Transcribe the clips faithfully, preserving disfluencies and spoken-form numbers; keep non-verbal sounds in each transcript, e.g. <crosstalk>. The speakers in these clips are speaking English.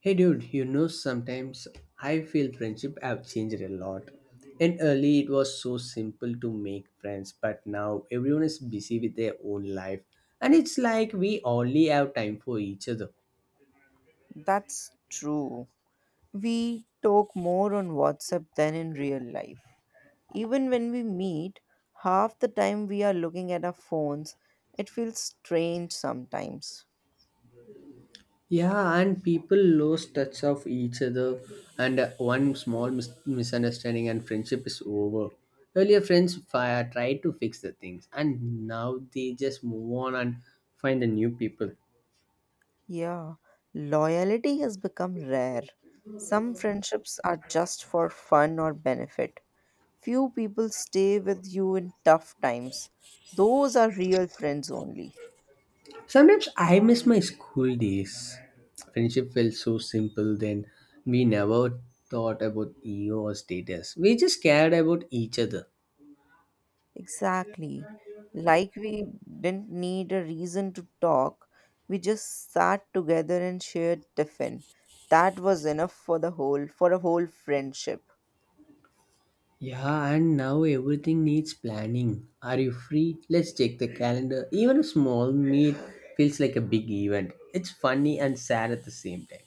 Hey dude, you know sometimes I feel friendship have changed a lot. And early it was so simple to make friends, but now everyone is busy with their own life. And it's like we only have time for each other. That's true. We talk more on WhatsApp than in real life. Even when we meet, half the time we are looking at our phones. It feels strange sometimes. Yeah, and people lost touch of each other and uh, one small mis- misunderstanding and friendship is over. Earlier friends fi- tried to fix the things and now they just move on and find the new people. Yeah, loyalty has become rare. Some friendships are just for fun or benefit. Few people stay with you in tough times. Those are real friends only. Sometimes I miss my school days. Friendship felt so simple then. We never thought about ego or status. We just cared about each other. Exactly. Like we didn't need a reason to talk, we just sat together and shared tiffin. That was enough for the whole for a whole friendship. Yeah, and now everything needs planning. Are you free? Let's check the calendar. Even a small meet feels like a big event. It's funny and sad at the same time.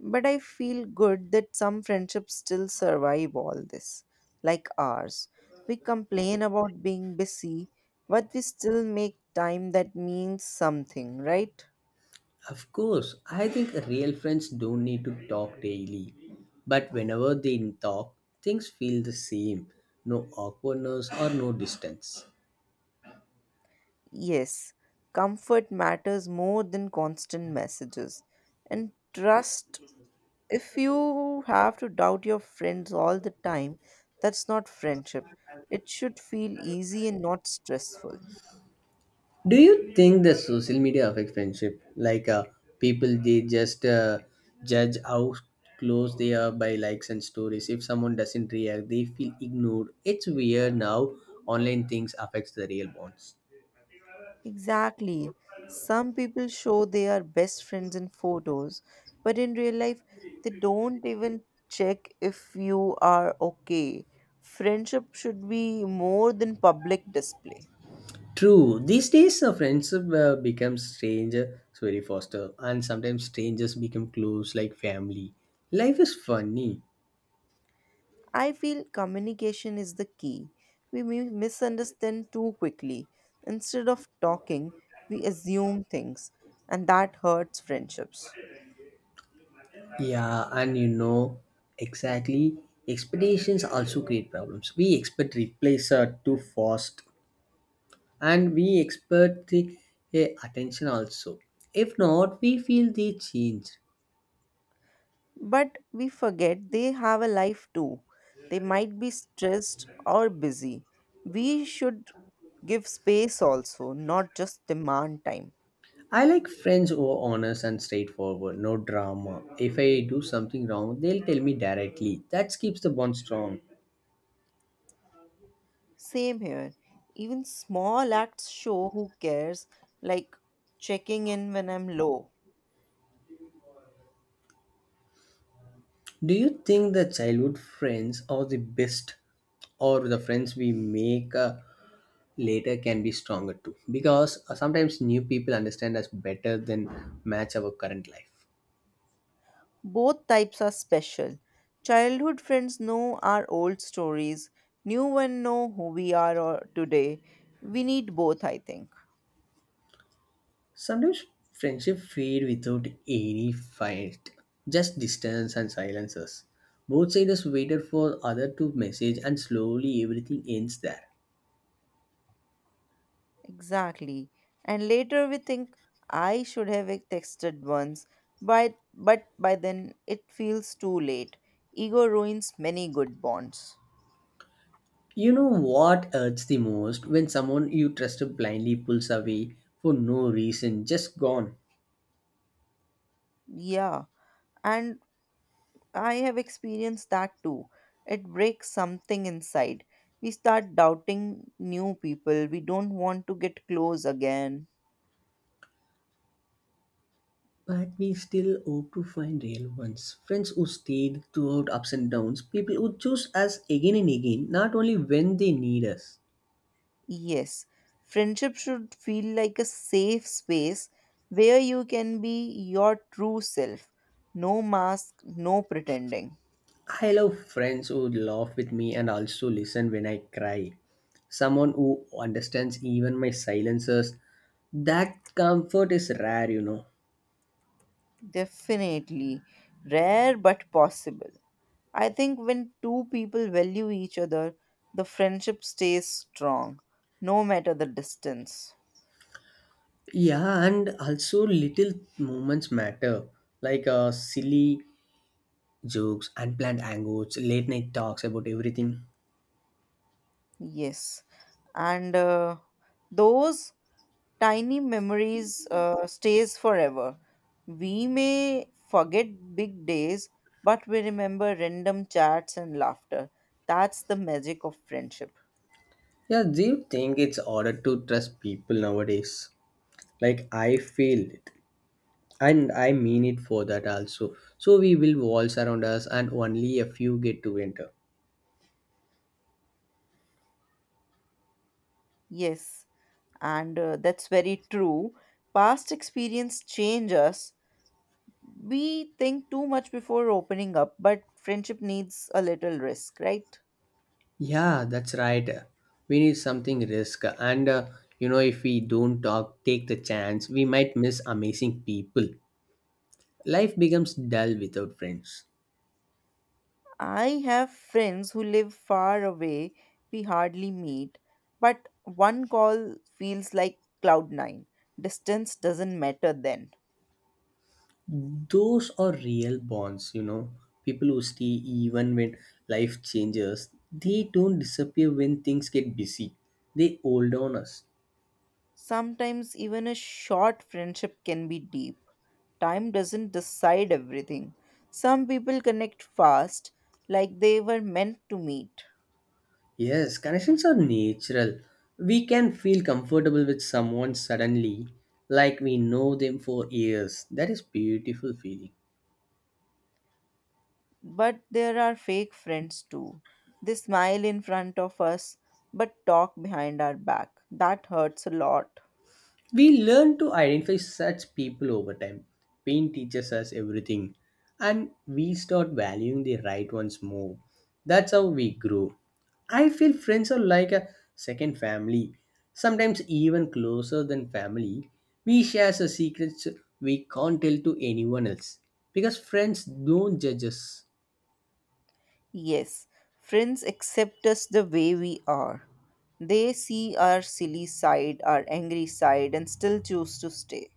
But I feel good that some friendships still survive all this, like ours. We complain about being busy, but we still make time that means something, right? Of course, I think real friends don't need to talk daily, but whenever they talk, things feel the same, no awkwardness or no distance. Yes, comfort matters more than constant messages, and trust. If you have to doubt your friends all the time, that's not friendship. It should feel easy and not stressful. Do you think the social media affects friendship? Like uh, people, they just uh, judge how close they are by likes and stories. If someone doesn't react, they feel ignored. It's weird now online things affects the real bonds. Exactly. Some people show they are best friends in photos, but in real life, they don't even check if you are okay. Friendship should be more than public display. True. These days, a friendship uh, becomes stranger, it's very faster, and sometimes strangers become close like family. Life is funny. I feel communication is the key. We mi- misunderstand too quickly. Instead of talking, we assume things, and that hurts friendships. Yeah, and you know, exactly. Expectations also create problems. We expect replies are too fast, and we expect the eh, attention also. If not, we feel the change. But we forget they have a life too. They might be stressed or busy. We should give space also, not just demand time. I like friends who are honest and straightforward, no drama. If I do something wrong, they'll tell me directly. That keeps the bond strong. Same here. Even small acts show who cares, like checking in when I'm low. Do you think the childhood friends are the best, or the friends we make uh, later can be stronger too? Because uh, sometimes new people understand us better than match our current life. Both types are special. Childhood friends know our old stories. New ones know who we are or today. We need both, I think. Sometimes friendship fade without any fight, just distance and silences. Both sides waited for other to message, and slowly everything ends there. Exactly. And later we think I should have texted once, but but by then it feels too late. Ego ruins many good bonds. You know what hurts the most when someone you trusted blindly pulls away for no reason, just gone. Yeah. And I have experienced that too. It breaks something inside. We start doubting new people. We don't want to get close again. But we still hope to find real ones. Friends who stayed throughout ups and downs, people who choose us again and again, not only when they need us. Yes, friendship should feel like a safe space where you can be your true self. No mask, no pretending. I love friends who laugh with me and also listen when I cry. Someone who understands even my silences. That comfort is rare, you know. Definitely. Rare but possible. I think when two people value each other, the friendship stays strong, no matter the distance. Yeah, and also little moments matter, like uh, silly jokes, unplanned hangouts, late night talks about everything. Yes. And uh, those tiny memories uh, stays forever. We may forget big days, but we remember random chats and laughter. That's the magic of friendship. Yeah, do you think it's harder to trust people nowadays? Like I feel it, and I mean it for that also. So we build walls around us, and only a few get to enter. Yes, and uh, that's very true. Past experience change us. We think too much before opening up, but friendship needs a little risk, right? Yeah, that's right. We need something risk, and uh, you know, if we don't talk, take the chance, we might miss amazing people. Life becomes dull without friends. I have friends who live far away, we hardly meet, but one call feels like cloud nine. Distance doesn't matter then. Those are real bonds you know People who stay even when life changes, they don't disappear when things get busy. They hold on us. Sometimes even a short friendship can be deep. Time doesn't decide everything. Some people connect fast, like they were meant to meet. Yes, connections are natural. We can feel comfortable with someone suddenly, like we know them for years. That is beautiful feeling. But there are fake friends too. They smile in front of us, but talk behind our back. That hurts a lot. We learn to identify such people over time. Pain teaches us everything, and we start valuing the right ones more. That's how we grow. I feel friends are like a second family, sometimes even closer than family. We share the secrets we can't tell to anyone else because friends don't judge us. Yes, friends accept us the way we are. They see our silly side, our angry side, and still choose to stay.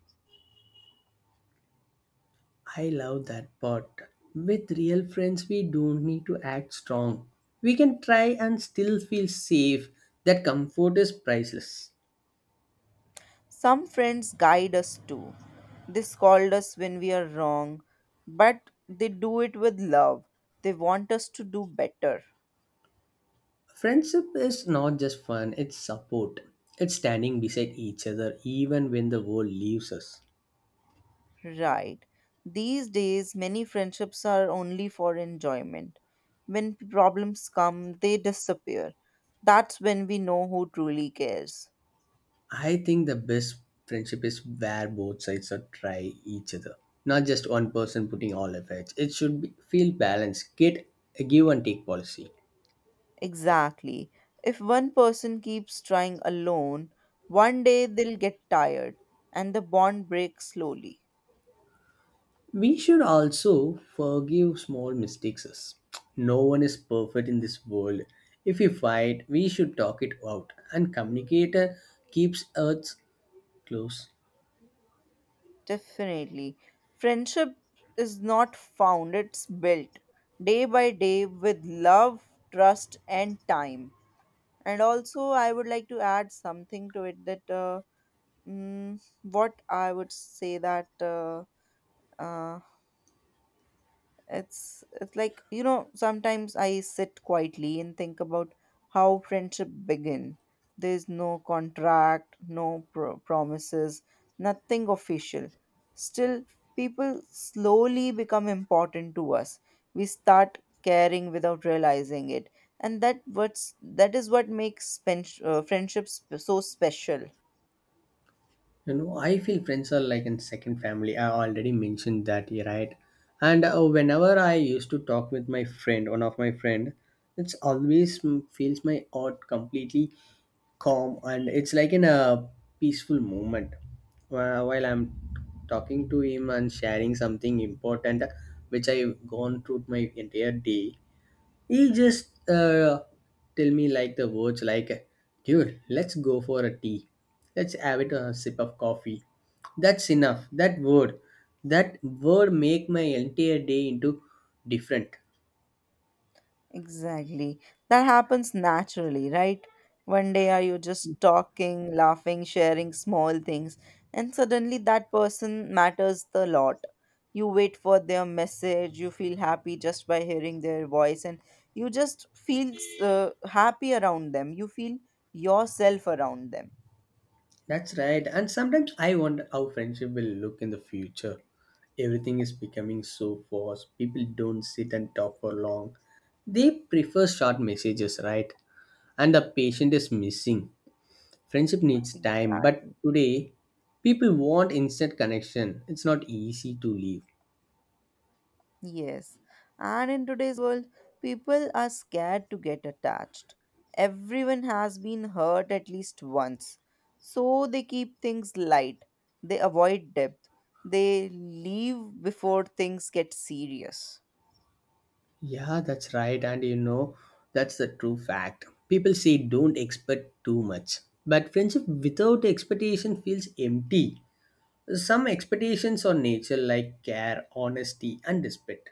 I love that part. With real friends, we don't need to act strong. We can try and still feel safe. That comfort is priceless. Some friends guide us too. They scold us when we are wrong, but they do it with love. They want us to do better. Friendship is not just fun, it's support. It's standing beside each other even when the world leaves us. Right. These days, many friendships are only for enjoyment. When problems come, they disappear. That's when we know who truly cares. I think the best friendship is where both sides are try each other. Not just one person putting all efforts. It should be, feel balanced. Get a give and take policy. Exactly. If one person keeps trying alone, one day they'll get tired and the bond breaks slowly. We should also forgive small mistakes. No one is perfect in this world. If we fight, we should talk it out, and communicator keeps us close. Definitely. Friendship is not found, it's built day by day with love, trust, and time. And also, I would like to add something to it that uh, mm, what I would say that uh, uh, It's, it's like, you know, sometimes I sit quietly and think about how friendship begin. There's no contract, no pro- promises, nothing official. Still, people slowly become important to us. We start caring without realizing it. And that what's that is what makes pen- uh, friendships so special. You know, I feel friends are like in second family, I already mentioned that, yeah, right. And uh, whenever I used to talk with my friend, one of my friend, it's always mm, feels my heart completely calm and it's like in a peaceful moment. Wh- while I'm talking to him and sharing something important which I've gone through my entire day, he just uh, tell me like the words like, dude, let's go for a tea. Let's have it a sip of coffee. That's enough. That word, that word make my entire day into different. Exactly. That happens naturally, right? One day are you just talking, laughing, sharing small things, and suddenly that person matters the lot. You wait for their message, you feel happy just by hearing their voice, and you just feel uh, happy around them. You feel yourself around them. That's right. And sometimes I wonder how friendship will look in the future. Everything is becoming so fast. People don't sit and talk for long. They prefer short messages, right? And the patient is missing. Friendship needs time, but Exactly. today people want instant connection. It's not easy to leave. Yes, and in today's world, people are scared to get attached. Everyone has been hurt at least once. So they keep things light, they avoid depth, they leave before things get serious. Yeah, that's right, and you know, that's the true fact. People say don't expect too much, but friendship without expectation feels empty. Some expectations on nature, like care, honesty, and respect.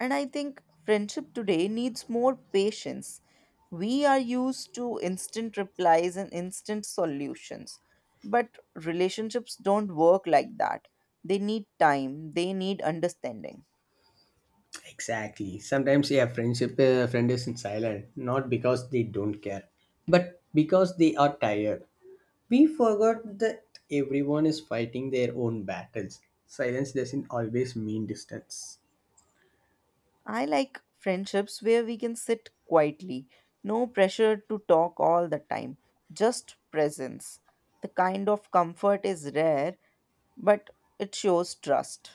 And I think friendship today needs more patience. We are used to instant replies and instant solutions, but relationships don't work like that. They need time, they need understanding. Exactly. Sometimes, yeah, friendship uh, friend is silent, not because they don't care, but because they are tired. We forgot that everyone is fighting their own battles. Silence doesn't always mean distance. I like friendships where we can sit quietly, no pressure to talk all the time, just presence. The kind of comfort is rare, but it shows trust.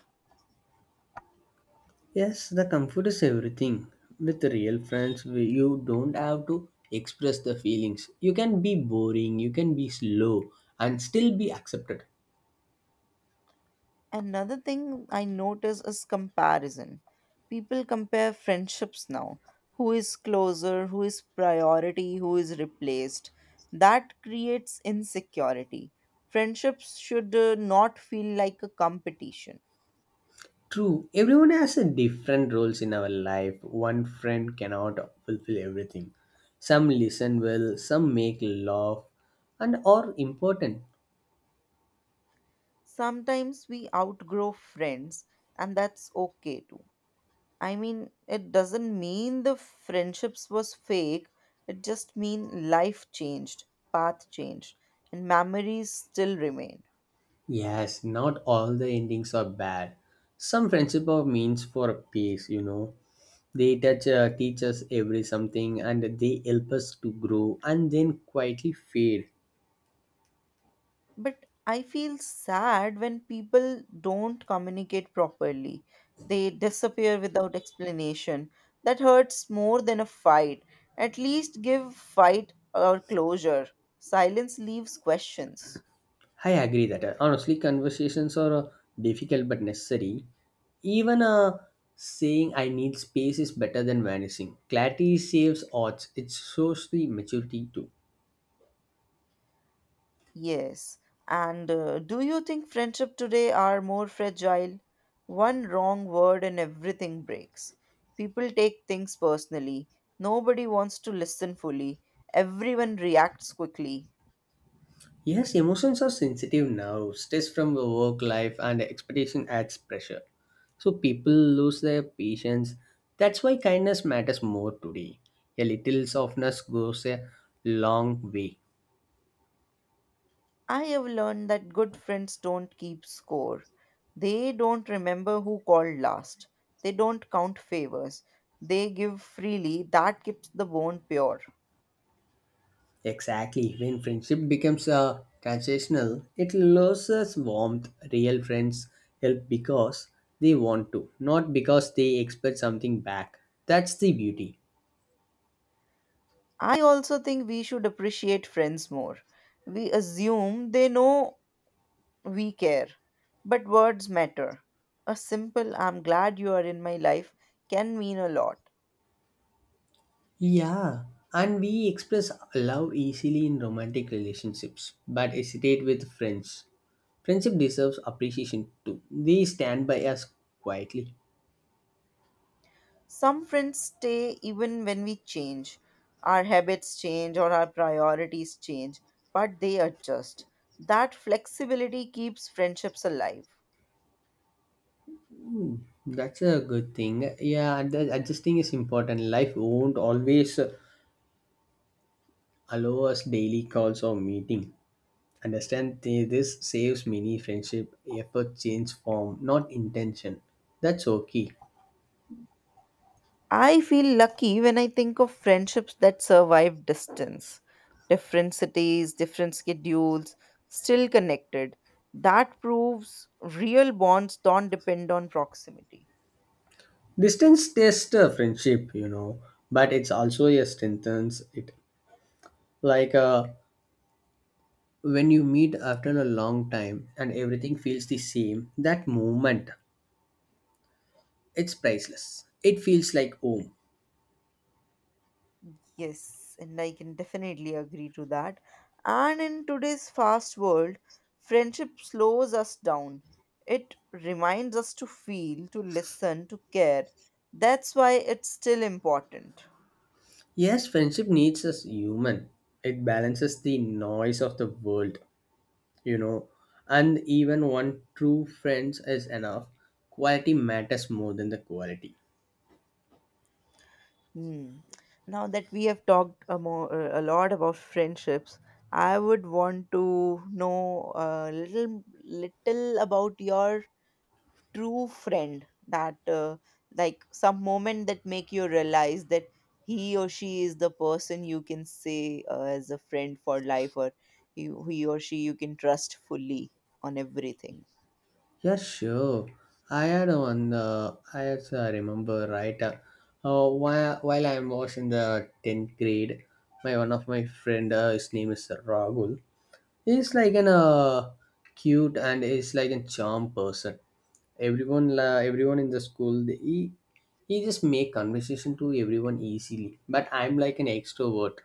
Yes, the comfort is everything. With real friends, we- you don't have to express the feelings. You can be boring, you can be slow, and still be accepted. Another thing I notice is comparison. People compare friendships now. Who is closer, who is priority, who is replaced. That creates insecurity. Friendships should uh, not feel like a competition. True, everyone has a different roles in our life. One friend cannot fulfill everything. Some listen well, some make laugh, and are important. Sometimes we outgrow friends, and that's okay too. I mean, it doesn't mean the friendships was fake. It just mean life changed, path changed, and memories still remain. Yes, not all the endings are bad. Some friendship are means for a peace, you know. They touch, uh, teach us every something, and they help us to grow, and then quietly fade. But I feel sad when people don't communicate properly. They disappear without explanation. That hurts more than a fight. At least give fight or closure. Silence leaves questions. I agree that uh, honestly, conversations are uh, difficult but necessary. Even uh, saying "I need space" is better than vanishing. Clarity saves odds. It shows the maturity too. Yes. And uh, do you think friendship today are more fragile? One wrong word and everything breaks. People take things personally. Nobody wants to listen fully. Everyone reacts quickly. Yes, emotions are sensitive now. Stress from the work life and expectation adds pressure. So people lose their patience. That's why kindness matters more today. A little softness goes a long way. I have learned that good friends don't keep score. They don't remember who called last. They don't count favors. They give freely. That keeps the bond pure. Exactly. When friendship becomes uh, transactional, it loses warmth. Real friends help because they want to, not because they expect something back. That's the beauty. I also think we should appreciate friends more, we assume they know we care. But words matter. A simple "I'm glad you are in my life" can mean a lot. Yeah, and we express love easily in romantic relationships, but hesitate with friends. Friendship deserves appreciation too. They stand by us quietly. Some friends stay even when we change. Our habits change or our priorities change, but they adjust. That flexibility keeps friendships alive. That's a good thing. Yeah, and that adjusting is important. Life won't always allow us daily calls or meeting. Understand th- this saves many friendship effort change form, not intention. That's okay. I feel lucky when I think of friendships that survive distance, different cities, different schedules, still connected. That proves real bonds don't depend on proximity. Distance tests a friendship, you know, but it's also a strengthens it. Like uh, when you meet after a long time and everything feels the same, that moment, it's priceless, it feels like home. Yes, and I can definitely agree to that. And in today's fast world, friendship slows us down. It reminds us to feel, to listen, to care. That's why it's still important. Yes, friendship needs us human. It balances the noise of the world you know and even one true friend is enough. Quality matters more than the quality. Hmm. Now that we have talked a, more, a lot about friendships, I would want to know a little little about your true friend. That uh, Like some moment that make you realize that he or she is the person you can say uh, as a friend for life, or he, he or she you can trust fully on everything. Yeah, sure. I had one. Uh, I also remember right. Uh, uh, while while I was in the tenth grade, my one of my friend, uh, his name is Rahul. He's like an uh, cute and he's like a charm person. Everyone, la everyone in the school, they- he he just make conversation to everyone easily. But I'm like an extrovert.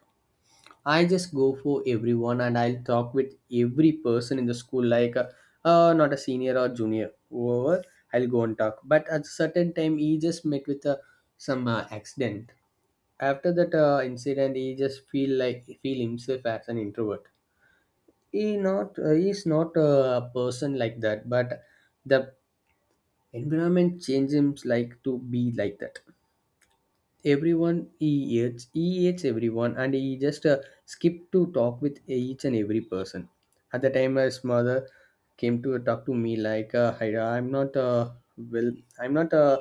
I just go for everyone and I'll talk with every person in the school, like uh, uh, not a senior or junior, whoever, I'll go and talk. But at a certain time, he just met with uh, some uh, accident. After that uh, incident, he just feel like feel himself as an introvert. He not uh, he's not a person like that, but the environment changed him like to be like that. everyone he hates he hates everyone and he just uh, skipped to talk with each and every person. At the time his mother came to talk to me like uh, Haida, I'm not uh, well, I'm not uh,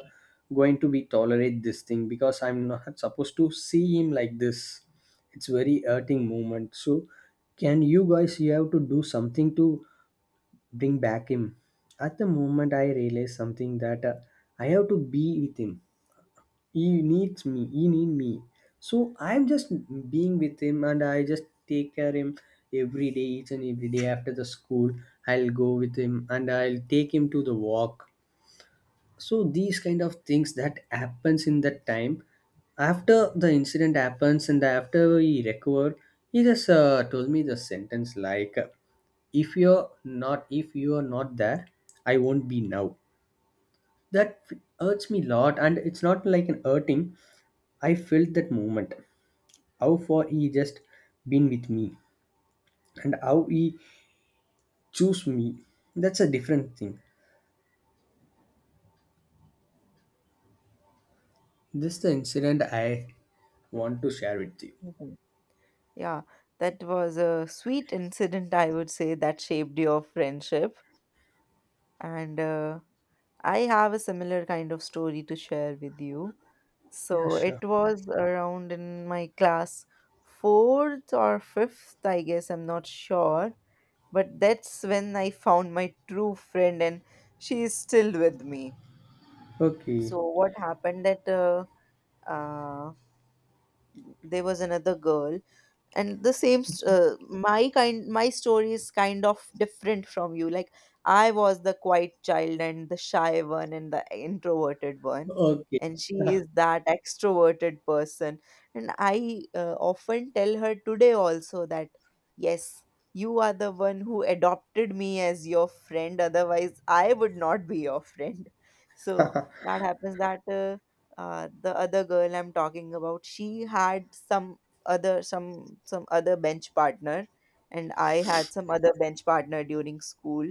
going to be tolerate this thing because I'm not supposed to see him like this. It's very hurting moment, so can you guys, you have to do something to bring back him. At the moment I realized something that uh, I have to be with him. He needs me he need me. So I'm just being with him and I just take care him every day, each and every day. After the school, I'll go with him and I'll take him to the walk. So these kind of things that happens in that time, after the incident happens and after he recovered, he just uh, told me the sentence like, if you're not if you're not there, I won't be now. That hurts me a lot, and it's not like an hurting I felt that moment. How far he just been with me and how he chose me. That's a different thing. This the incident I want to share with you. Mhm. Yeah, that was a sweet incident. I would say that shaped your friendship and. Uh, I have a similar kind of story to share with you. Yeah, So it sure. was around in my class fourth or fifth, I guess, I'm not sure. But that's when I found my true friend, and she is still with me. Okay. So what happened that uh, uh, there was another girl, and the same st- uh, my kind my story is kind of different from you. Like, I was the quiet child and the shy one and the introverted one, Okay. and she <laughs> is that extroverted person. And I uh, often tell her today also that, yes, you are the one who adopted me as your friend, otherwise I would not be your friend. <laughs> So that happens that uh, uh, the other girl I'm talking about, she had some other some some other bench partner, and I had some other bench partner during school.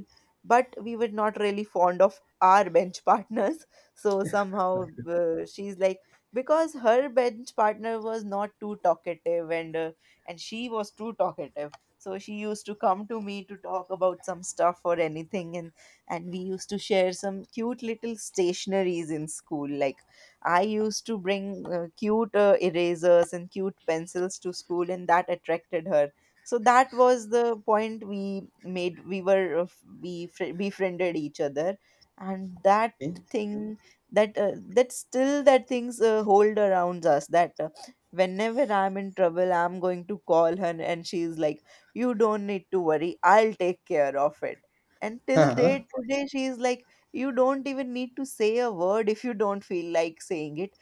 But we were not really fond of our bench <laughs> partners, so somehow Okay. uh, she's like, because her bench partner was not too talkative, and uh, and she was too talkative. So she used to come to me to talk about some stuff or anything, and and we used to share some cute little stationaries in school. Like, I used to bring uh, cute uh, erasers and cute pencils to school, and that attracted her. So that was the point we made. We were uh, we fr- befriended each other, and that thing that uh, that still that things uh, hold around us. That uh, Whenever I'm in trouble, I'm going to call her, and she's like, "You don't need to worry. I'll take care of it." And till Uh-huh. date today, she's like, you don't even need to say a word if you don't feel like saying it.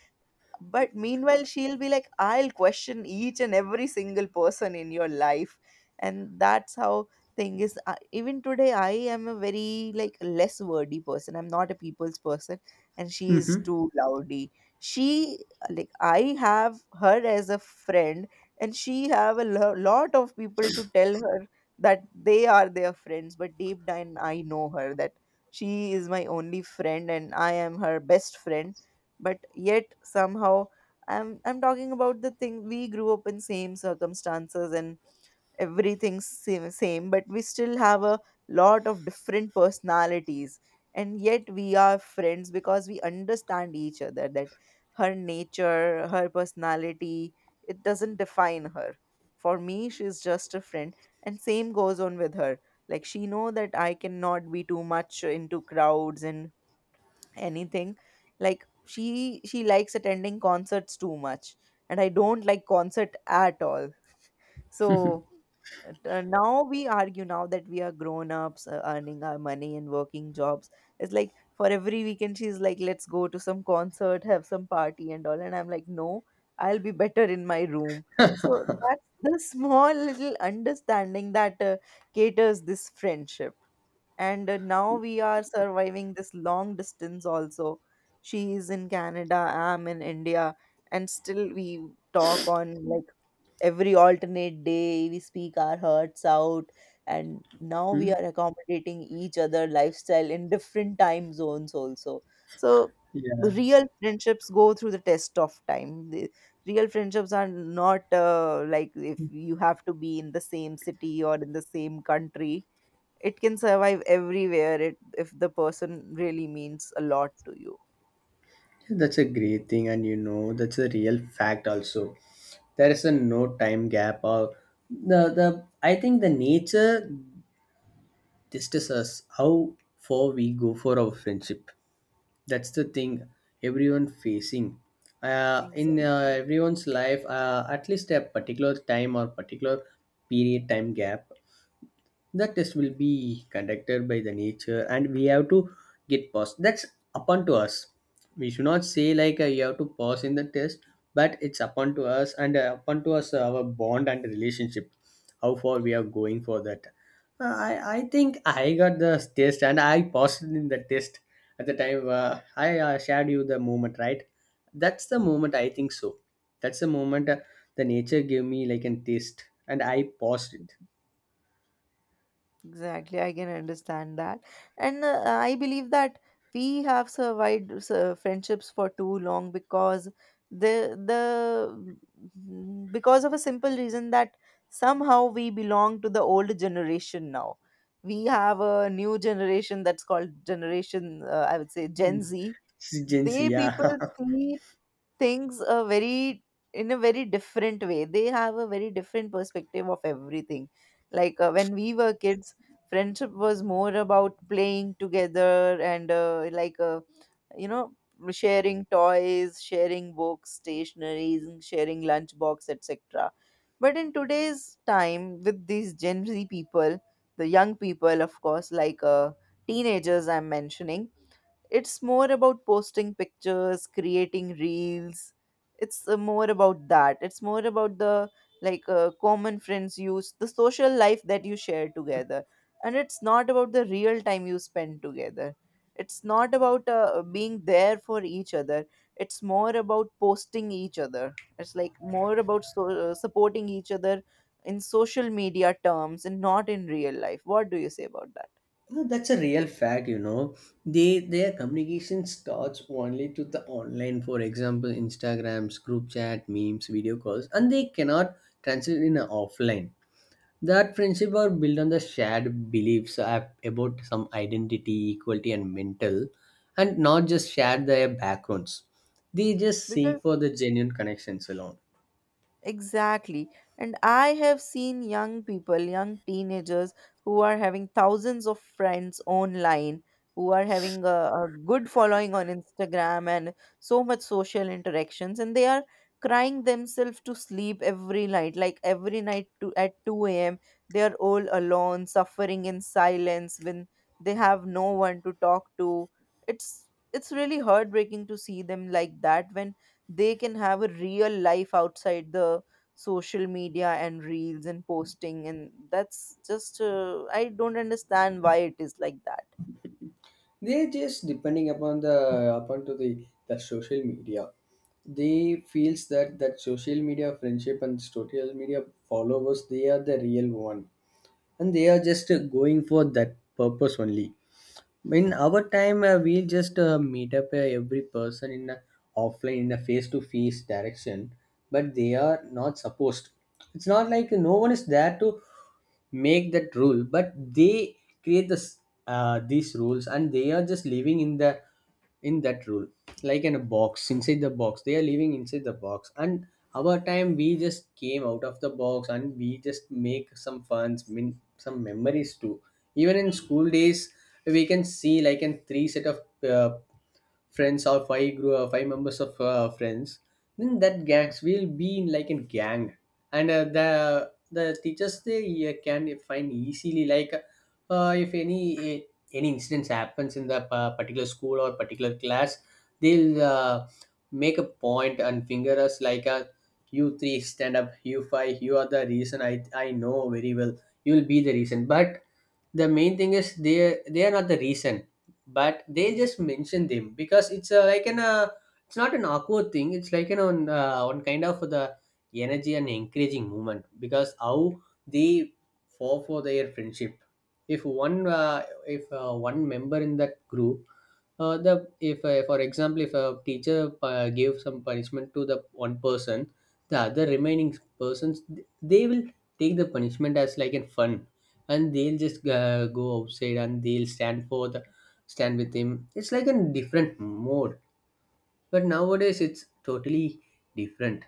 But meanwhile, she'll be like, I'll question each and every single person in your life. And that's how thing is. I, even today, I am a very like less wordy person. I'm not a people's person. And she's Mm-hmm. too loudy. She, like, I have her as a friend, and she have a lo- lot of people to tell her that they are their friends. But deep down, I know her that she is my only friend and I am her best friend, but yet somehow, i'm i'm talking about the thing. We grew up in same circumstances and everything's same, same but we still have a lot of different personalities, and yet we are friends because we understand each other that her nature, her personality, it doesn't define her. For me she's just a friend, and same goes on with her. Like she know that I cannot be too much into crowds and anything. Like she she likes attending concerts too much and I don't like concert at all. So uh, now we argue, now that we are grown ups, uh, earning our money and working jobs. It's like for every weekend she's like, "Let's go to some concert, have some party and all," and I'm like, "No, I'll be better in my room." So that's the <laughs> small little understanding that uh, caters this friendship. And uh, now we are surviving this long distance also. She is in Canada, I'm in India, and still we talk on like every alternate day. We speak our hearts out, and now we mm are accommodating each other lifestyle in different time zones also. So Yeah. Yeah, real friendships go through the test of time. The real friendships are not uh, like, if you have to be in the same city or in the same country, it can survive everywhere, it, if the person really means a lot to you. that's a great thing, and you know, that's a real fact also. There is a no time gap or the the I think the nature tests us how far we go for our friendship. That's the thing everyone facing uh, in uh, Exactly. everyone's life, uh, at least a particular time or particular period time gap. The test will be conducted by the nature, and we have to get passed. That's upon to us. We should not say like, uh, you have to pass in the test, but it's upon to us, and uh, upon to us uh, our bond and relationship, how far we are going for that. Uh, i i think I got the test and I passed in the test at the time uh, I uh, shared you the moment, right? That's the moment, I think so. That's the moment uh, the nature gave me like a taste, and I passed it. Exactly, I can understand that. And uh, I believe that we have survived uh, friendships for too long because the the mm, because of a simple reason that somehow we belong to the old generation now. We have a new generation that's called generation, uh, I would say Gen Z. Gen, They people yeah. see things a very, in a very different way. They have a very different perspective of everything. Like uh, when we were kids, friendship was more about playing together and uh, like uh, you know sharing toys, sharing books, stationaries, and sharing lunchbox, etc. But in today's time, with these Gen Z people, the young people of course, like uh, teenagers I'm mentioning, it's more about posting pictures, creating reels. It's uh, more about that. It's more about the, like uh, common friends use, the social life that you share together. And it's not about the real time you spend together. It's not about uh, being there for each other. It's more about posting each other. It's like more about so, uh, supporting each other in social media terms and not in real life. What do you say about that? <laughs> No, that's a real fact, you know. They, their communication starts only to the online, for example, Instagrams, group chat, memes, video calls, and they cannot translate in a offline. That friendship are built on the shared beliefs ab- about some identity, equality, and mental, and not just share their backgrounds. They just Because seek for the genuine connections alone. Exactly. And I have seen young people, young teenagers who are having thousands of friends online, who are having a, a good following on Instagram and so much social interactions, and they are crying themselves to sleep every night, like every night to at two a m. They are all alone, suffering in silence when they have no one to talk to. It's it's really heartbreaking to see them like that, when they can have a real life outside the social media and reels and posting. And that's just, uh, I don't understand why it is like that. They just depending upon the upon to the, the social media. They feels that that social media friendship and social media followers they are the real one, and they are just uh, going for that purpose only. In our time uh, we just uh, meet up uh, every person in a offline in a face to face direction, but they are not supposed. It's not like no one is there to make that rule, but they create this, uh, these rules, and they are just living in the in that rule, like in a box. Inside the box, they are living inside the box. And our time we just came out of the box, and we just make some funs, min- some memories too. Even in school days, we can see like in three set of uh, friends or five group, uh, five members of uh, friends, then that gangs will be in like a gang. And uh, the the teachers, they uh, can find easily like, uh, if any, eh, any incidents happens in the pa- particular school or particular class, they'll, uh, make a point and finger us like, uh, you three stand up, you five, you are the reason, i i know very well you'll be the reason. But the main thing is, they they are not the reason, but they just mention them because it's a, like an, uh, it's not an awkward thing, it's like an on, uh, on kind of the energy and encouraging movement, because how they fall for their friendship. If one, uh, if uh, one member in that group, uh, the, if uh, for example, if a teacher uh, gave some punishment to the one person, the other remaining persons, they will take the punishment as like in fun, and they'll just uh, go outside and they'll stand for the stand with him. It's like a different mode. But nowadays it's totally different.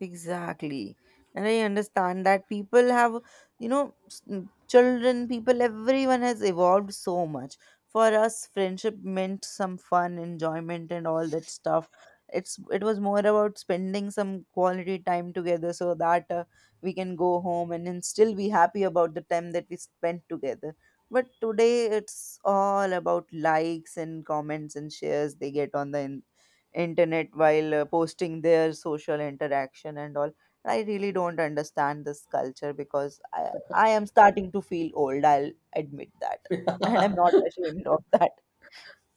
Exactly. And I understand that people have, you know, s- n- children, people, everyone has evolved so much. For us, friendship meant some fun, enjoyment, and all that stuff. It's it was more about spending some quality time together so that uh, we can go home and then still be happy about the time that we spent together. But today, it's all about likes and comments and shares they get on the internet while uh, posting their social interaction and all. I really don't understand this culture because i i am starting to feel old. I'll admit that <laughs> and I'm not <laughs> ashamed of that.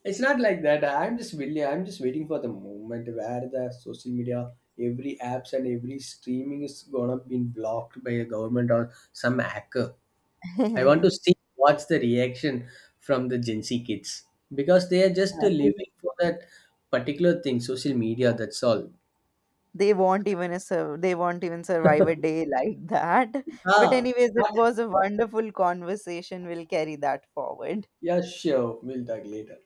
It's not like that. I'm just really, I'm just waiting for the moment where the social media, every apps and every streaming is gonna be blocked by a government or some hacker. I want to <laughs> see what's the reaction from the Gen Z kids, because they are just Yeah, living for that particular thing, social media. That's all. they won't even a sur- they won't even survive a <laughs> day like that. But Ah, anyways, it ah, was a wonderful conversation. We'll carry that forward. yeah, sure. We'll talk later.